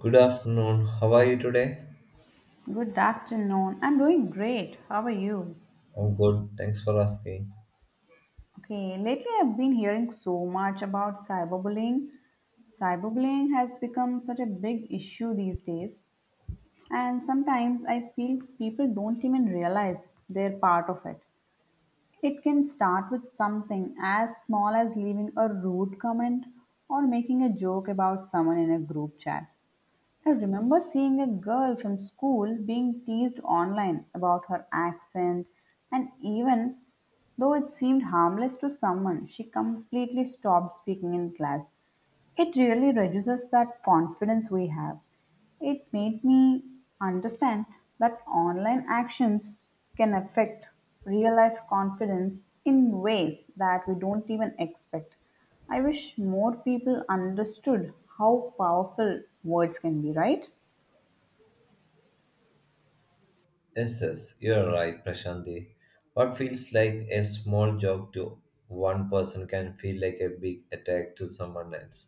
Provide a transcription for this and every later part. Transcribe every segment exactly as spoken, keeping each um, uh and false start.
Good afternoon. How are you today? Good afternoon. I'm doing great. How are you? I'm good. Thanks for asking. Okay, lately I've been hearing so much about cyberbullying. Cyberbullying has become such a big issue these days, and sometimes I feel people don't even realize they're part of it. It can start with something as small as leaving a rude comment or making a joke about someone in a group chat. I remember seeing a girl from school being teased online about her accent, and even though it seemed harmless to someone, she completely stopped speaking in class. It really reduces that confidence we have. It made me understand that online actions can affect real life confidence in ways that we don't even expect. I wish more people understood how powerful words can be, right? Yes, yes, you're right, Prashanti. What feels like a small joke to one person can feel like a big attack to someone else.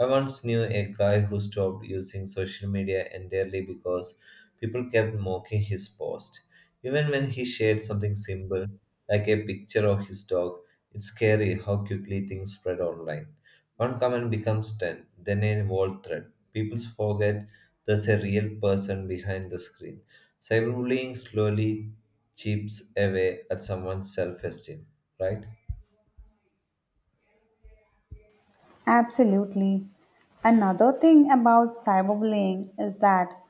I once knew a guy who stopped using social media entirely because people kept mocking his post. Even when he shared something simple, like a picture of his dog, it's scary how quickly things spread online. One comment becomes ten, then a whole thread. People forget there's a real person behind the screen. Cyberbullying slowly chips away at someone's self esteem, right? Absolutely. Another thing about cyberbullying is that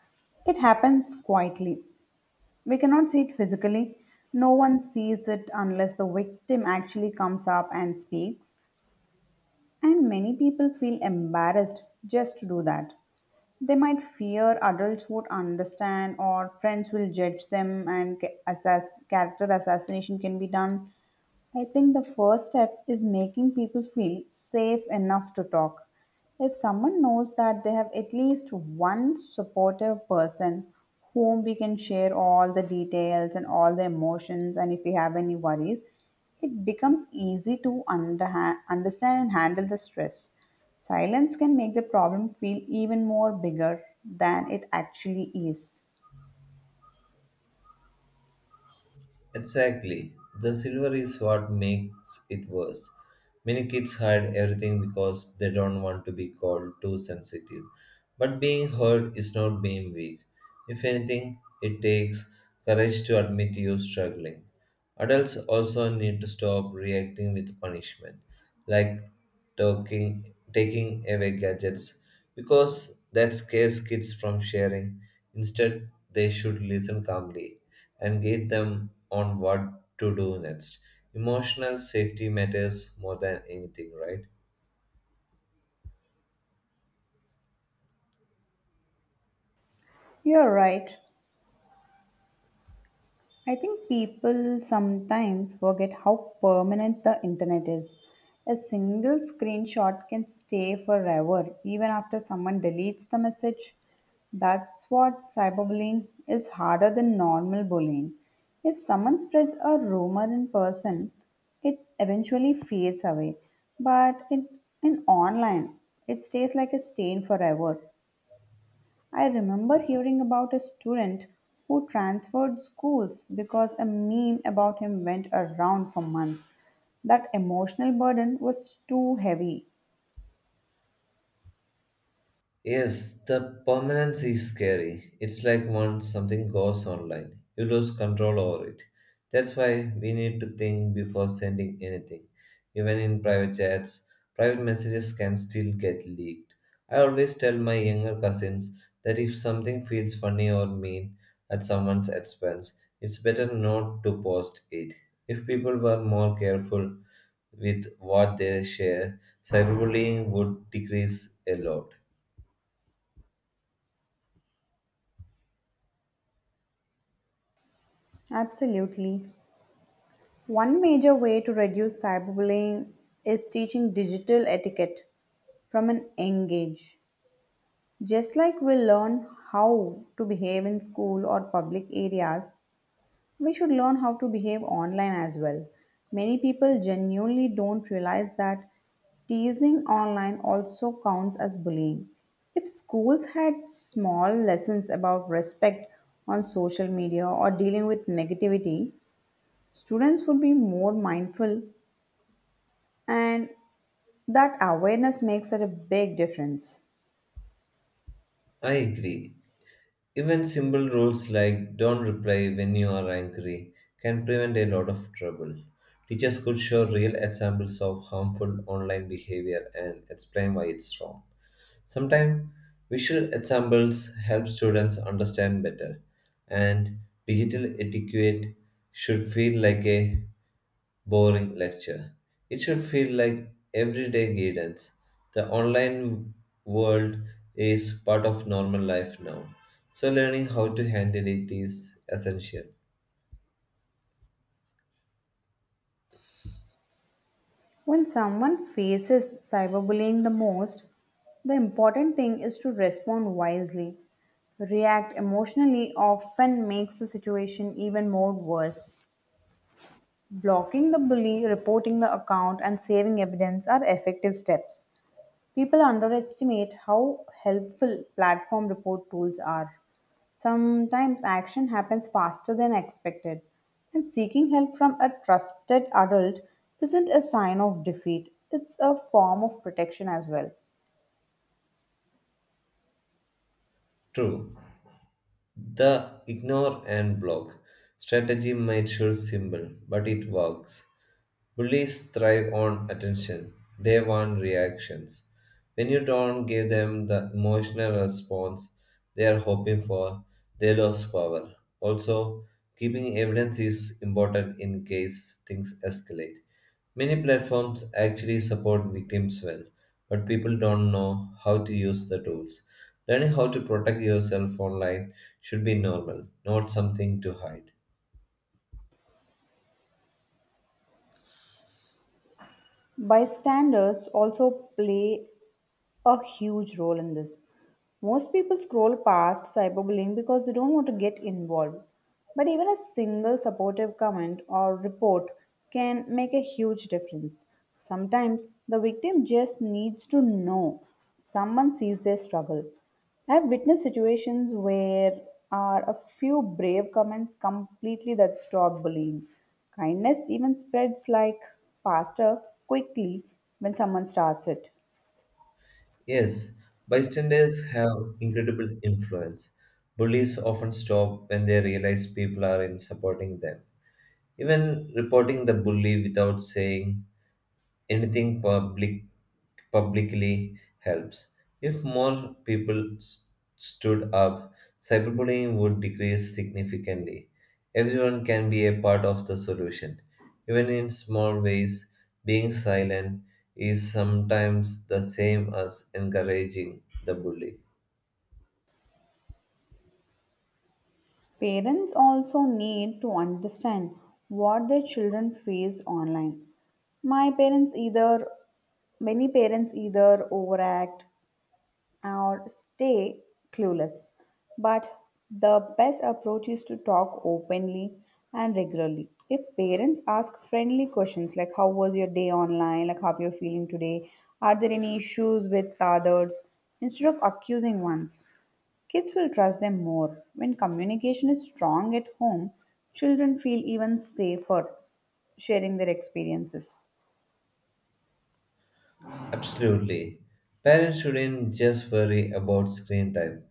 it happens quietly. We cannot see it physically. No one sees it unless the victim actually comes up and speaks. And many people feel embarrassed just to do that. They might fear adults won't understand or friends will judge them and ca- assas- character assassination can be done. I think the first step is making people feel safe enough to talk. If someone knows that they have at least one supportive person whom we can share all the details and all the emotions, and if we have any worries, it becomes easy to underha- understand and handle the stress. Silence can make the problem feel even more bigger than it actually is. Exactly. The silver is what makes it worse. Many kids hide everything because they don't want to be called too sensitive. But being hurt is not being weak. If anything, it takes courage to admit you're struggling. Adults also need to stop reacting with punishment, like talking, taking away gadgets, because that scares kids from sharing. Instead, they should listen calmly and guide them on what to do next. Emotional safety matters more than anything, right? You're right. I think people sometimes forget how permanent the internet is. A single screenshot can stay forever, even after someone deletes the message. That's what cyberbullying is harder than normal bullying. If someone spreads a rumor in person, it eventually fades away. But in, in online, it stays like a stain forever. I remember hearing about a student who transferred schools because a meme about him went around for months. That emotional burden was too heavy. Yes, the permanence is scary. It's like once something goes online, you lose control over it. That's why we need to think before sending anything. Even in private chats, private messages can still get leaked. I always tell my younger cousins that if something feels funny or mean at someone's expense, it's better not to post it. If people were more careful with what they share, cyberbullying would decrease a lot. Absolutely. One major way to reduce cyberbullying is teaching digital etiquette from an young age. Just like we learn how to behave in school or public areas, we should learn how to behave online as well. Many people genuinely don't realize that teasing online also counts as bullying. If schools had small lessons about respect on social media or dealing with negativity, students would be more mindful, and that awareness makes such a big difference. I agree. Even simple rules like don't reply when you are angry can prevent a lot of trouble. Teachers could show real examples of harmful online behavior and explain why it's wrong. Sometimes visual examples help students understand better, and digital etiquette should feel like a boring lecture. It should feel like everyday guidance. The online world is part of normal life now, so learning how to handle it is essential. When someone faces cyberbullying the most, the important thing is to respond wisely. React emotionally often makes the situation even more worse. Blocking the bully, reporting the account, and saving evidence are effective steps. People underestimate how helpful platform report tools are. Sometimes action happens faster than expected, and seeking help from a trusted adult isn't a sign of defeat, it's a form of protection as well. True, the ignore and block strategy might sure simple, but it works. Bullies thrive on attention, they want reactions. When you don't give them the emotional response they are hoping for, they lose power. Also, keeping evidence is important in case things escalate. Many platforms actually support victims well, but people don't know how to use the tools. Learning how to protect yourself online should be normal, not something to hide. Bystanders also play a huge role in this. Most people scroll past cyberbullying because they don't want to get involved. But even a single supportive comment or report can make a huge difference. Sometimes the victim just needs to know someone sees their struggle. I've witnessed situations where are a few brave comments completely that stop bullying. Kindness even spreads like faster quickly when someone starts it. Yes, bystanders have incredible influence. Bullies often stop when they realize people are in supporting them. Even reporting the bully without saying anything public publicly helps. If more people s- stood up, cyberbullying would decrease significantly. Everyone can be a part of the solution. Even in small ways, being silent is sometimes the same as encouraging the bully. Parents also need to understand what their children face online. My parents either, Many parents either overact or stay clueless. But the best approach is to talk openly and regularly. If parents ask friendly questions like, "How was your day online? Like, how you're feeling today? Are there any issues with others?" Instead of accusing ones. Kids will trust them more. When communication is strong at home, children feel even safer s- sharing their experiences. Absolutely. Parents shouldn't just worry about screen time.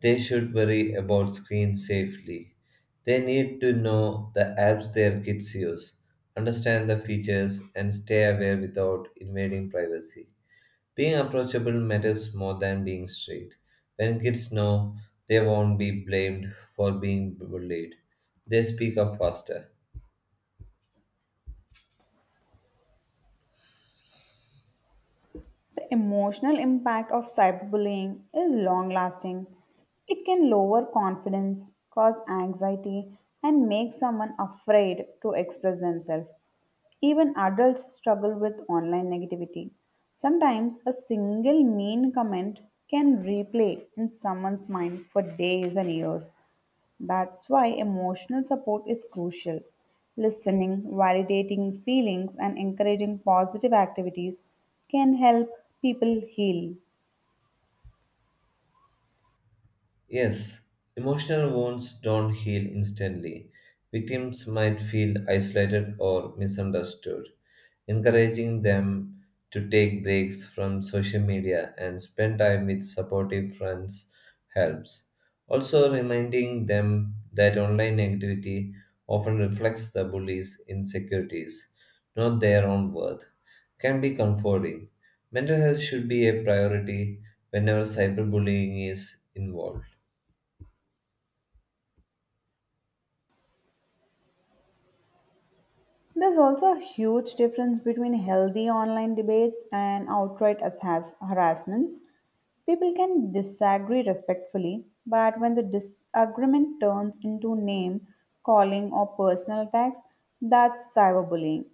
They should worry about screen safely. They need to know the apps their kids use, understand the features, and stay aware without invading privacy. Being approachable matters more than being strict. When kids know, they won't be blamed for being bullied. They speak up faster. The emotional impact of cyberbullying is long lasting. It can lower confidence, cause anxiety, and make someone afraid to express themselves. Even adults struggle with online negativity. Sometimes a single mean comment can replay in someone's mind for days and years. That's why emotional support is crucial. Listening, validating feelings, and encouraging positive activities can help people heal. Yes, emotional wounds don't heal instantly. Victims might feel isolated or misunderstood. Encouraging them to take breaks from social media and spend time with supportive friends helps. Also, reminding them that online negativity often reflects the bully's insecurities, not their own worth, can be comforting. Mental health should be a priority whenever cyberbullying is involved. There's also a huge difference between healthy online debates and outright has harassments. People can disagree respectfully, but when the disagreement turns into name calling or personal attacks, that's cyberbullying.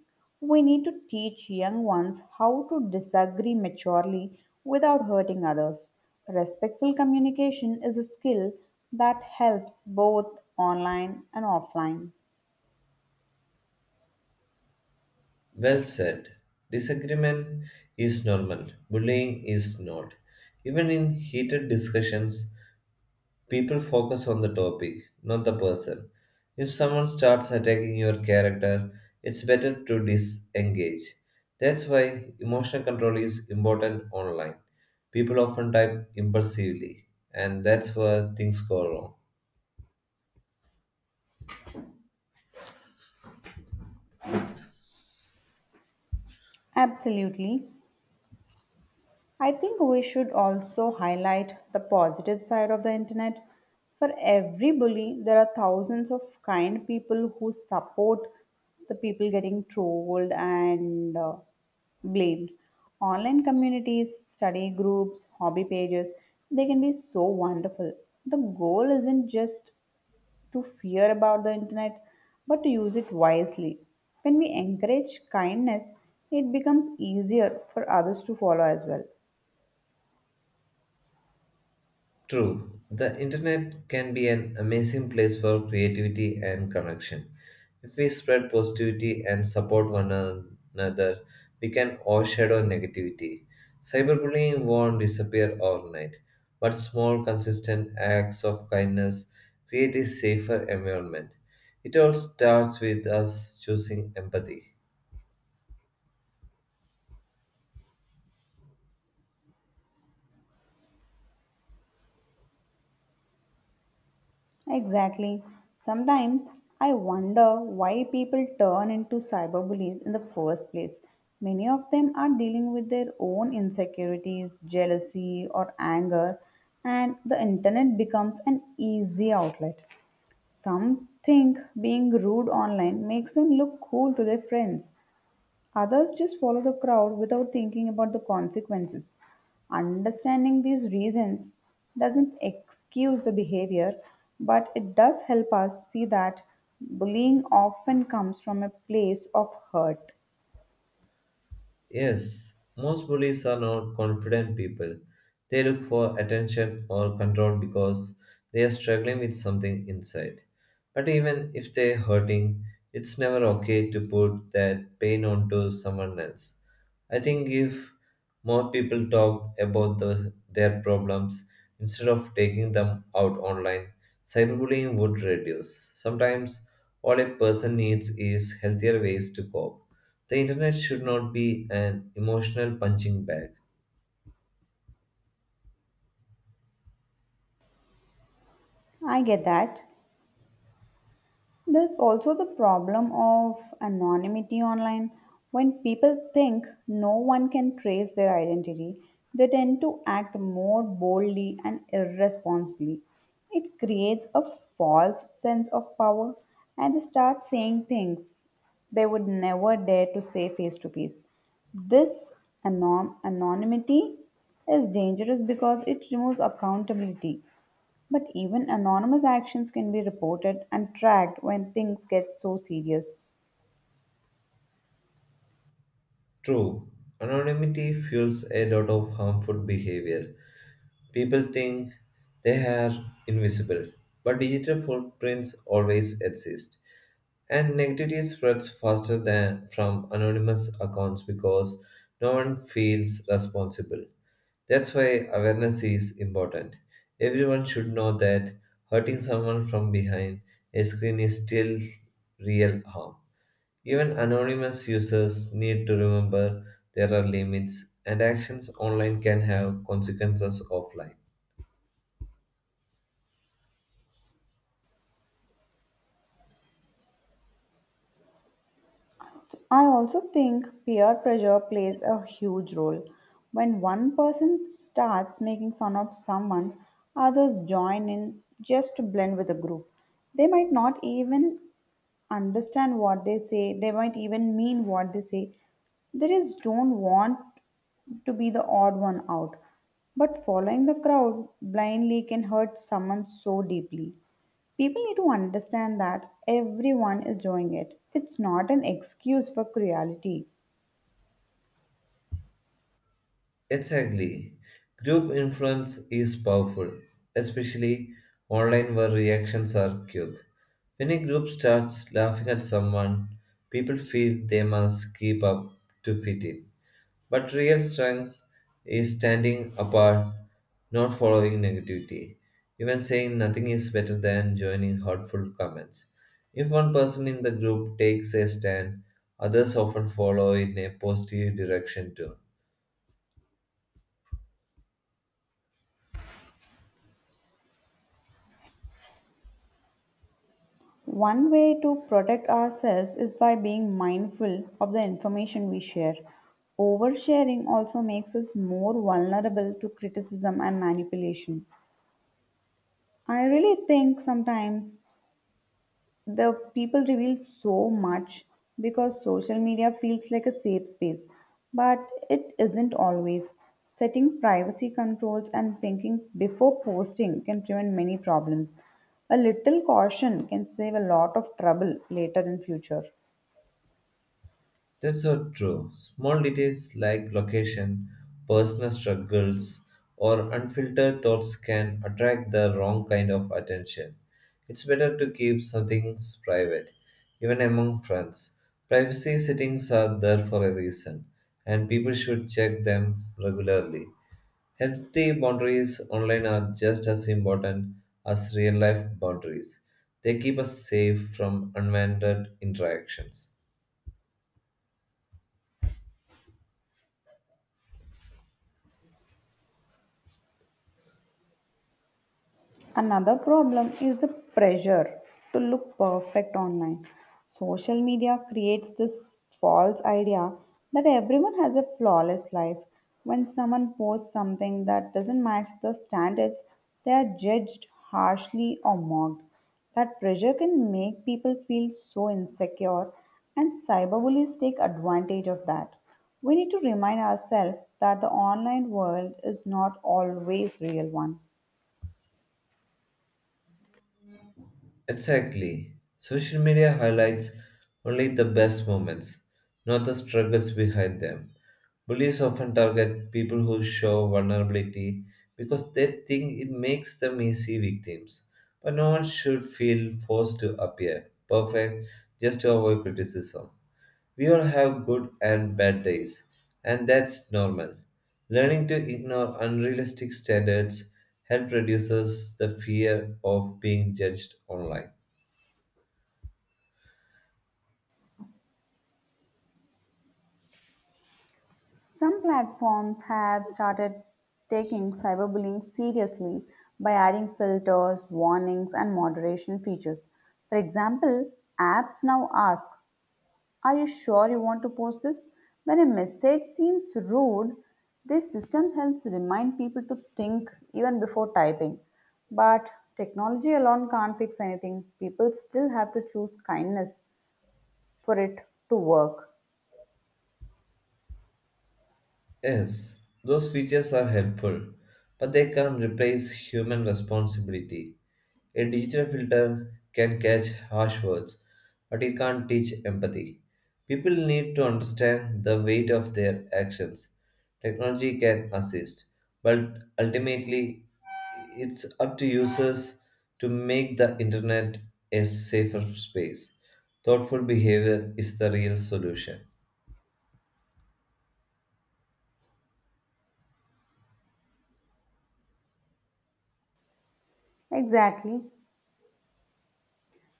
We need to teach young ones how to disagree maturely without hurting others. Respectful communication is a skill that helps both online and offline. Well said. Disagreement is normal, bullying is not. Even in heated discussions, people focus on the topic, not the person. If someone starts attacking your character, it's better to disengage. That's why emotional control is important online. People often type impulsively, and that's where things go wrong. Absolutely. I think we should also highlight the positive side of the internet. For every bully, there are thousands of kind people who support the people getting trolled and uh, blamed. Online communities, study groups, hobby pages, they can be so wonderful. The goal isn't just to fear about the internet, but to use it wisely. When we encourage kindness, it becomes easier for others to follow as well. True, the internet can be an amazing place for creativity and connection. If we spread positivity and support one another, we can overshadow negativity. Cyberbullying won't disappear overnight, but small, consistent acts of kindness create a safer environment. It all starts with us choosing empathy. Exactly. Sometimes I wonder why people turn into cyberbullies in the first place. Many of them are dealing with their own insecurities, jealousy, or anger, and the internet becomes an easy outlet. Some think being rude online makes them look cool to their friends, others just follow the crowd without thinking about the consequences. Understanding these reasons doesn't excuse the behavior, but it does help us see that bullying often comes from a place of hurt. Yes, most bullies are not confident people. They look for attention or control because they are struggling with something inside. But even if they're hurting, it's never okay to put that pain onto someone else. I think if more people talk about the, their problems instead of taking them out online, cyberbullying would reduce. Sometimes all a person needs is healthier ways to cope. The internet should not be an emotional punching bag. I get that. There's also the problem of anonymity online. When people think no one can trace their identity, they tend to act more boldly and irresponsibly. It creates a false sense of power and they start saying things they would never dare to say face to face. This anom- anonymity is dangerous because it removes accountability. But even anonymous actions can be reported and tracked when things get so serious. True, anonymity fuels a lot of harmful behavior. People think they are invisible, but digital footprints always exist. And negativity spreads faster than from anonymous accounts because no one feels responsible. That's why awareness is important. Everyone should know that hurting someone from behind a screen is still real harm. Even anonymous users need to remember there are limits, and actions online can have consequences offline. I also think peer pressure plays a huge role. When one person starts making fun of someone, others join in just to blend with the group. They might not even understand what they say. They might even mean what they say. They just don't want to be the odd one out. But following the crowd blindly can hurt someone so deeply. People need to understand that everyone is doing it. It's not an excuse for cruelty. Exactly. Group influence is powerful, especially online where reactions are quick. When a group starts laughing at someone, people feel they must keep up to fit in. But real strength is standing apart, not following negativity. Even saying nothing is better than joining hurtful comments. If one person in the group takes a stand, others often follow in a positive direction too. One way to protect ourselves is by being mindful of the information we share. Oversharing also makes us more vulnerable to criticism and manipulation. I really think sometimes the people reveal so much because social media feels like a safe space, but it isn't always. Setting privacy controls and thinking before posting can prevent many problems. A little caution can save a lot of trouble later in future. That's so true. Small details like location, personal struggles, or unfiltered thoughts can attract the wrong kind of attention. It's better to keep some things private, even among friends. Privacy settings are there for a reason, and people should check them regularly. Healthy boundaries online are just as important as real life boundaries. They keep us safe from unwanted interactions. Another problem is the pressure to look perfect online. Social media creates this false idea that everyone has a flawless life. When someone posts something that doesn't match the standards, they are judged harshly or mocked. That pressure can make people feel so insecure, and cyberbullies take advantage of that. We need to remind ourselves that the online world is not always real one. Exactly. Social media highlights only the best moments, not the struggles behind them. Bullies often target people who show vulnerability because they think it makes them easy victims. But no one should feel forced to appear perfect just to avoid criticism. We all have good and bad days, and that's normal. Learning to ignore unrealistic standards helps reduces the fear of being judged online. Some platforms have started taking cyberbullying seriously by adding filters, warnings, and moderation features. For example, apps now ask, "Are you sure you want to post this?" When a message seems rude, this system helps remind people to think even before typing. But technology alone can't fix anything. People still have to choose kindness for it to work. Yes, those features are helpful, but they can't replace human responsibility. A digital filter can catch harsh words, but it can't teach empathy. People need to understand the weight of their actions. Technology can assist, but ultimately, it's up to users to make the internet a safer space. Thoughtful behavior is the real solution. Exactly.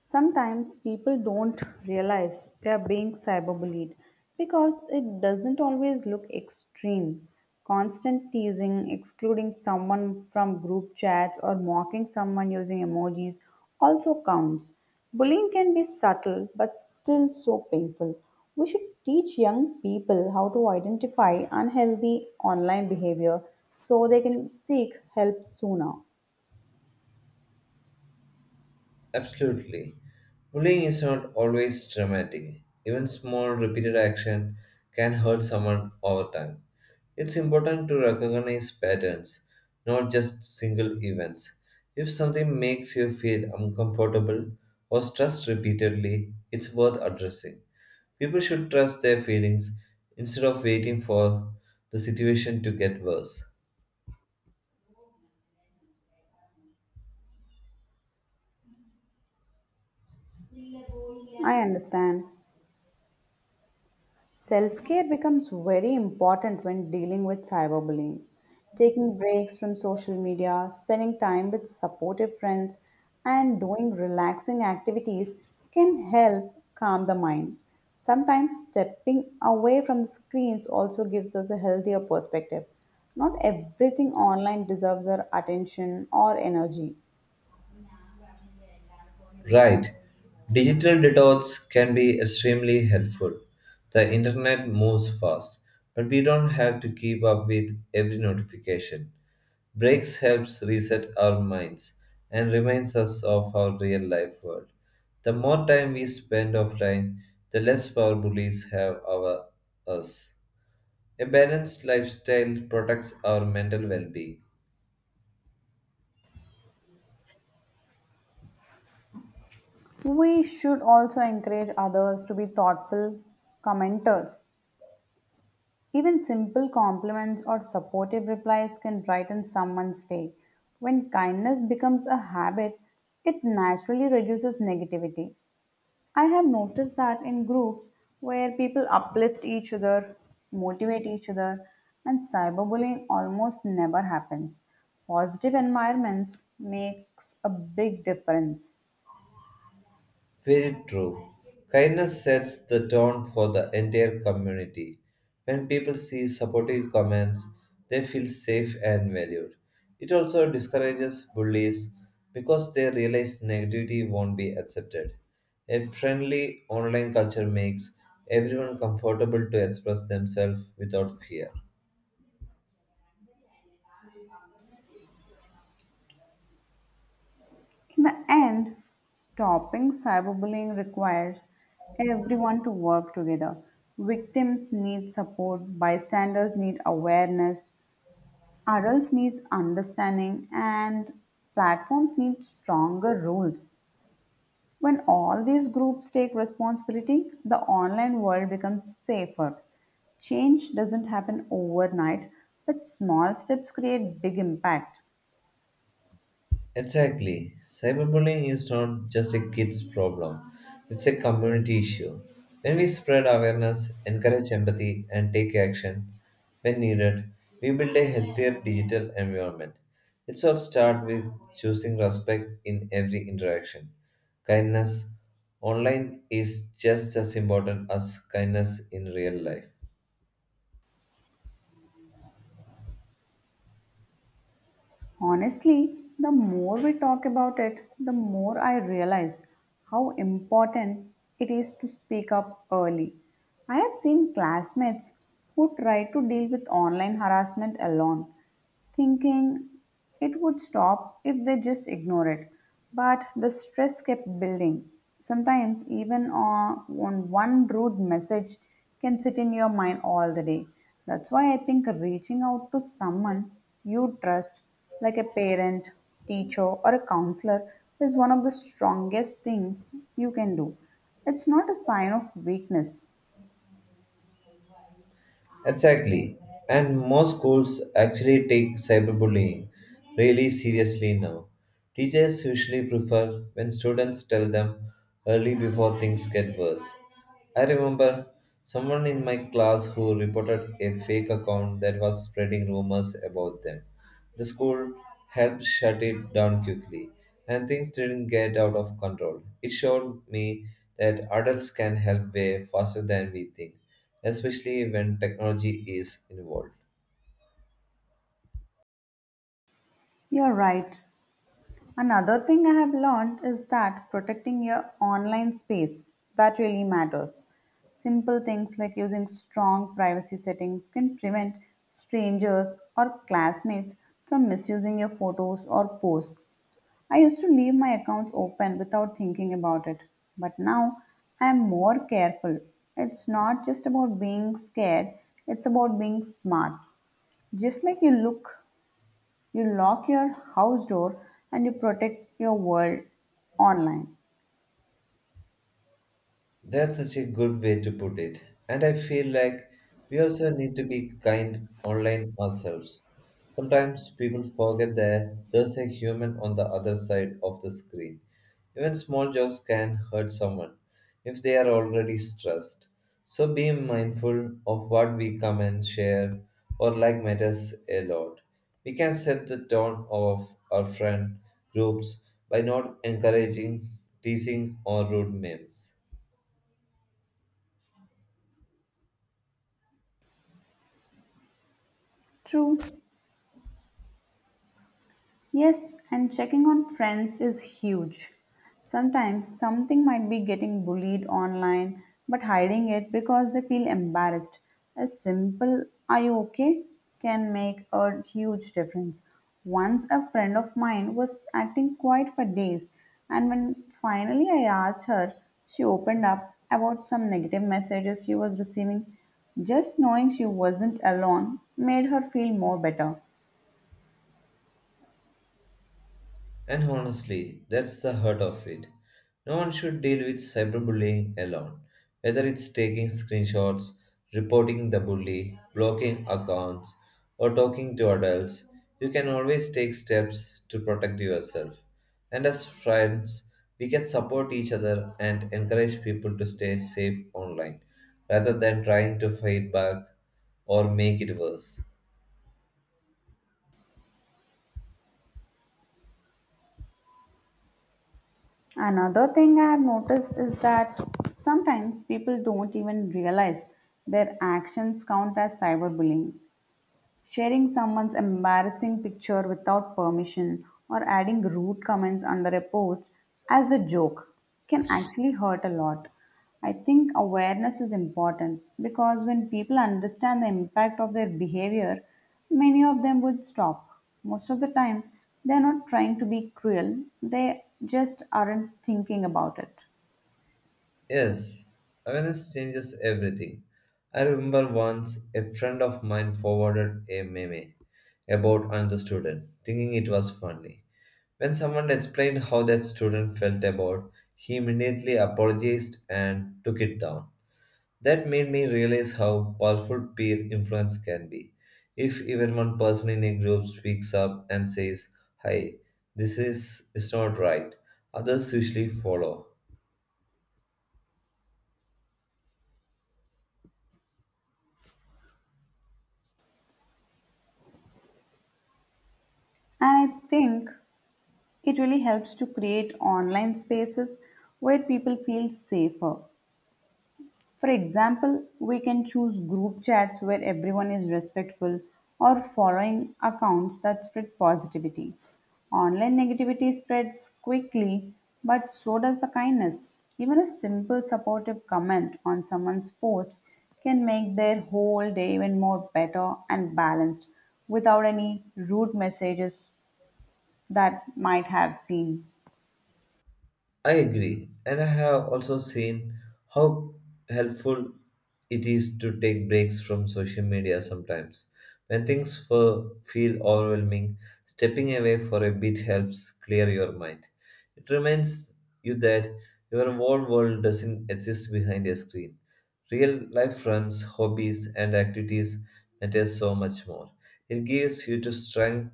Sometimes people don't realize they are being cyberbullied because it doesn't always look extreme. Constant teasing, excluding someone from group chats, or mocking someone using emojis also counts. Bullying can be subtle but still so painful. We should teach young people how to identify unhealthy online behavior so they can seek help sooner. Absolutely. Bullying is not always dramatic. Even small repeated action can hurt someone over time. It's important to recognize patterns, not just single events. If something makes you feel uncomfortable or stressed repeatedly, it's worth addressing. People should trust their feelings instead of waiting for the situation to get worse. I understand. Self care becomes very important when dealing with cyberbullying. Taking breaks from social media, spending time with supportive friends, and doing relaxing activities can help calm the mind. Sometimes stepping away from the screens also gives us a healthier perspective. Not everything online deserves our attention or energy. Right. Digital detox can be extremely helpful. The internet moves fast, but we don't have to keep up with every notification. Breaks helps reset our minds and reminds us of our real life world. The more time we spend offline, the less power bullies have over us. A balanced lifestyle protects our mental well being. We should also encourage others to be thoughtful commenters. Even simple compliments or supportive replies can brighten someone's day. When kindness becomes a habit, it naturally reduces negativity. I have noticed that in groups where people uplift each other, motivate each other, and cyberbullying almost never happens. Positive environments makes a big difference. Very true. Kindness sets the tone for the entire community. When people see supportive comments, they feel safe and valued. It also discourages bullies because they realize negativity won't be accepted. A friendly online culture makes everyone comfortable to express themselves without fear. In the end, stopping cyberbullying requires everyone to work together. Victims need support, bystanders need awareness, adults need understanding, and platforms need stronger rules. When all these groups take responsibility, the online world becomes safer. Change doesn't happen overnight, but small steps create big impact. Exactly. Cyberbullying is not just a kid's problem, it's a community issue. When we spread awareness, encourage empathy, and take action when needed, we build a healthier digital environment. It's all start with choosing respect in every interaction. Kindness online is just as important as kindness in real life. Honestly, the more we talk about it, the more I realize how important it is to speak up early. I have seen classmates who try to deal with online harassment alone thinking it would stop if they just ignore it. But the stress kept building. Sometimes, even on, on one rude message can sit in your mind all the day. That's why I think reaching out to someone you trust, like a parent, teacher, or a counselor, is one of the strongest things you can do. It's not a sign of weakness. Exactly. And most schools actually take cyberbullying really seriously now. Teachers usually prefer when students tell them early before things get worse. I remember someone in my class who reported a fake account that was spreading rumors about them. The school helped shut it down quickly, and things didn't get out of control. It showed me that adults can help way faster than we think, especially when technology is involved. You're right. Another thing I have learned is that protecting your online space that really matters. Simple things like using strong privacy settings can prevent strangers or classmates from misusing your photos or posts. I used to leave my accounts open without thinking about it, but now I am more careful. It's not just about being scared, it's about being smart. Just like you look you lock your house door and you protect your world online. That's such a good way to put it. And I feel like we also need to be kind online ourselves. Sometimes people forget that there's a human on the other side of the screen. Even small jokes can hurt someone if they are already stressed. So being mindful of what we comment, share, or like matters a lot. We can set the tone of our friend groups by not encouraging teasing or rude memes. True. Yes, and checking on friends is huge. Sometimes something might be getting bullied online, but hiding it because they feel embarrassed. A simple, "Are you okay?" can make a huge difference. Once a friend of mine was acting quiet for days, and when finally I asked her, she opened up about some negative messages she was receiving. Just knowing she wasn't alone made her feel more better. And honestly, that's the heart of it. No one should deal with cyberbullying alone, whether it's taking screenshots, reporting the bully, blocking accounts, or talking to adults. You can always take steps to protect yourself. And as friends, we can support each other and encourage people to stay safe online rather than trying to fight back or make it worse. Another thing I have noticed is that sometimes people don't even realize their actions count as cyberbullying. Sharing someone's embarrassing picture without permission or adding rude comments under a post as a joke can actually hurt a lot. I think awareness is important because when people understand the impact of their behavior, many of them would stop. Most of the time, they're not trying to be cruel, they just aren't thinking about it. Yes, awareness changes everything. I remember once a friend of mine forwarded a meme about another student, thinking it was funny. When someone explained how that student felt about, he immediately apologized and took it down. That made me realize how powerful peer influence can be. If even one person in a group speaks up and says, "Hi, this is, is not right," others usually follow. And I think it really helps to create online spaces where people feel safer. For example, we can choose group chats where everyone is respectful or following accounts that spread positivity. Online negativity spreads quickly, but so does the kindness. Even a simple supportive comment on someone's post can make their whole day even more better and balanced without any rude messages that might have seen. I agree, and I have also seen how helpful it is to take breaks from social media sometimes. When things fe- feel overwhelming, stepping away for a bit helps clear your mind. It reminds you that your whole world doesn't exist behind a screen. Real life friends, hobbies, and activities matter so much more. It gives you the strength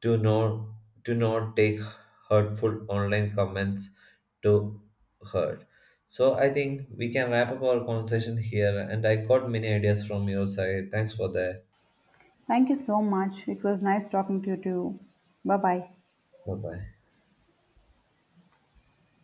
do not do not take hurtful online comments to hurt. So I think we can wrap up our conversation here and I got many ideas from your side. Thanks for that. Thank you so much. It was nice talking to you too. Bye bye. Bye bye.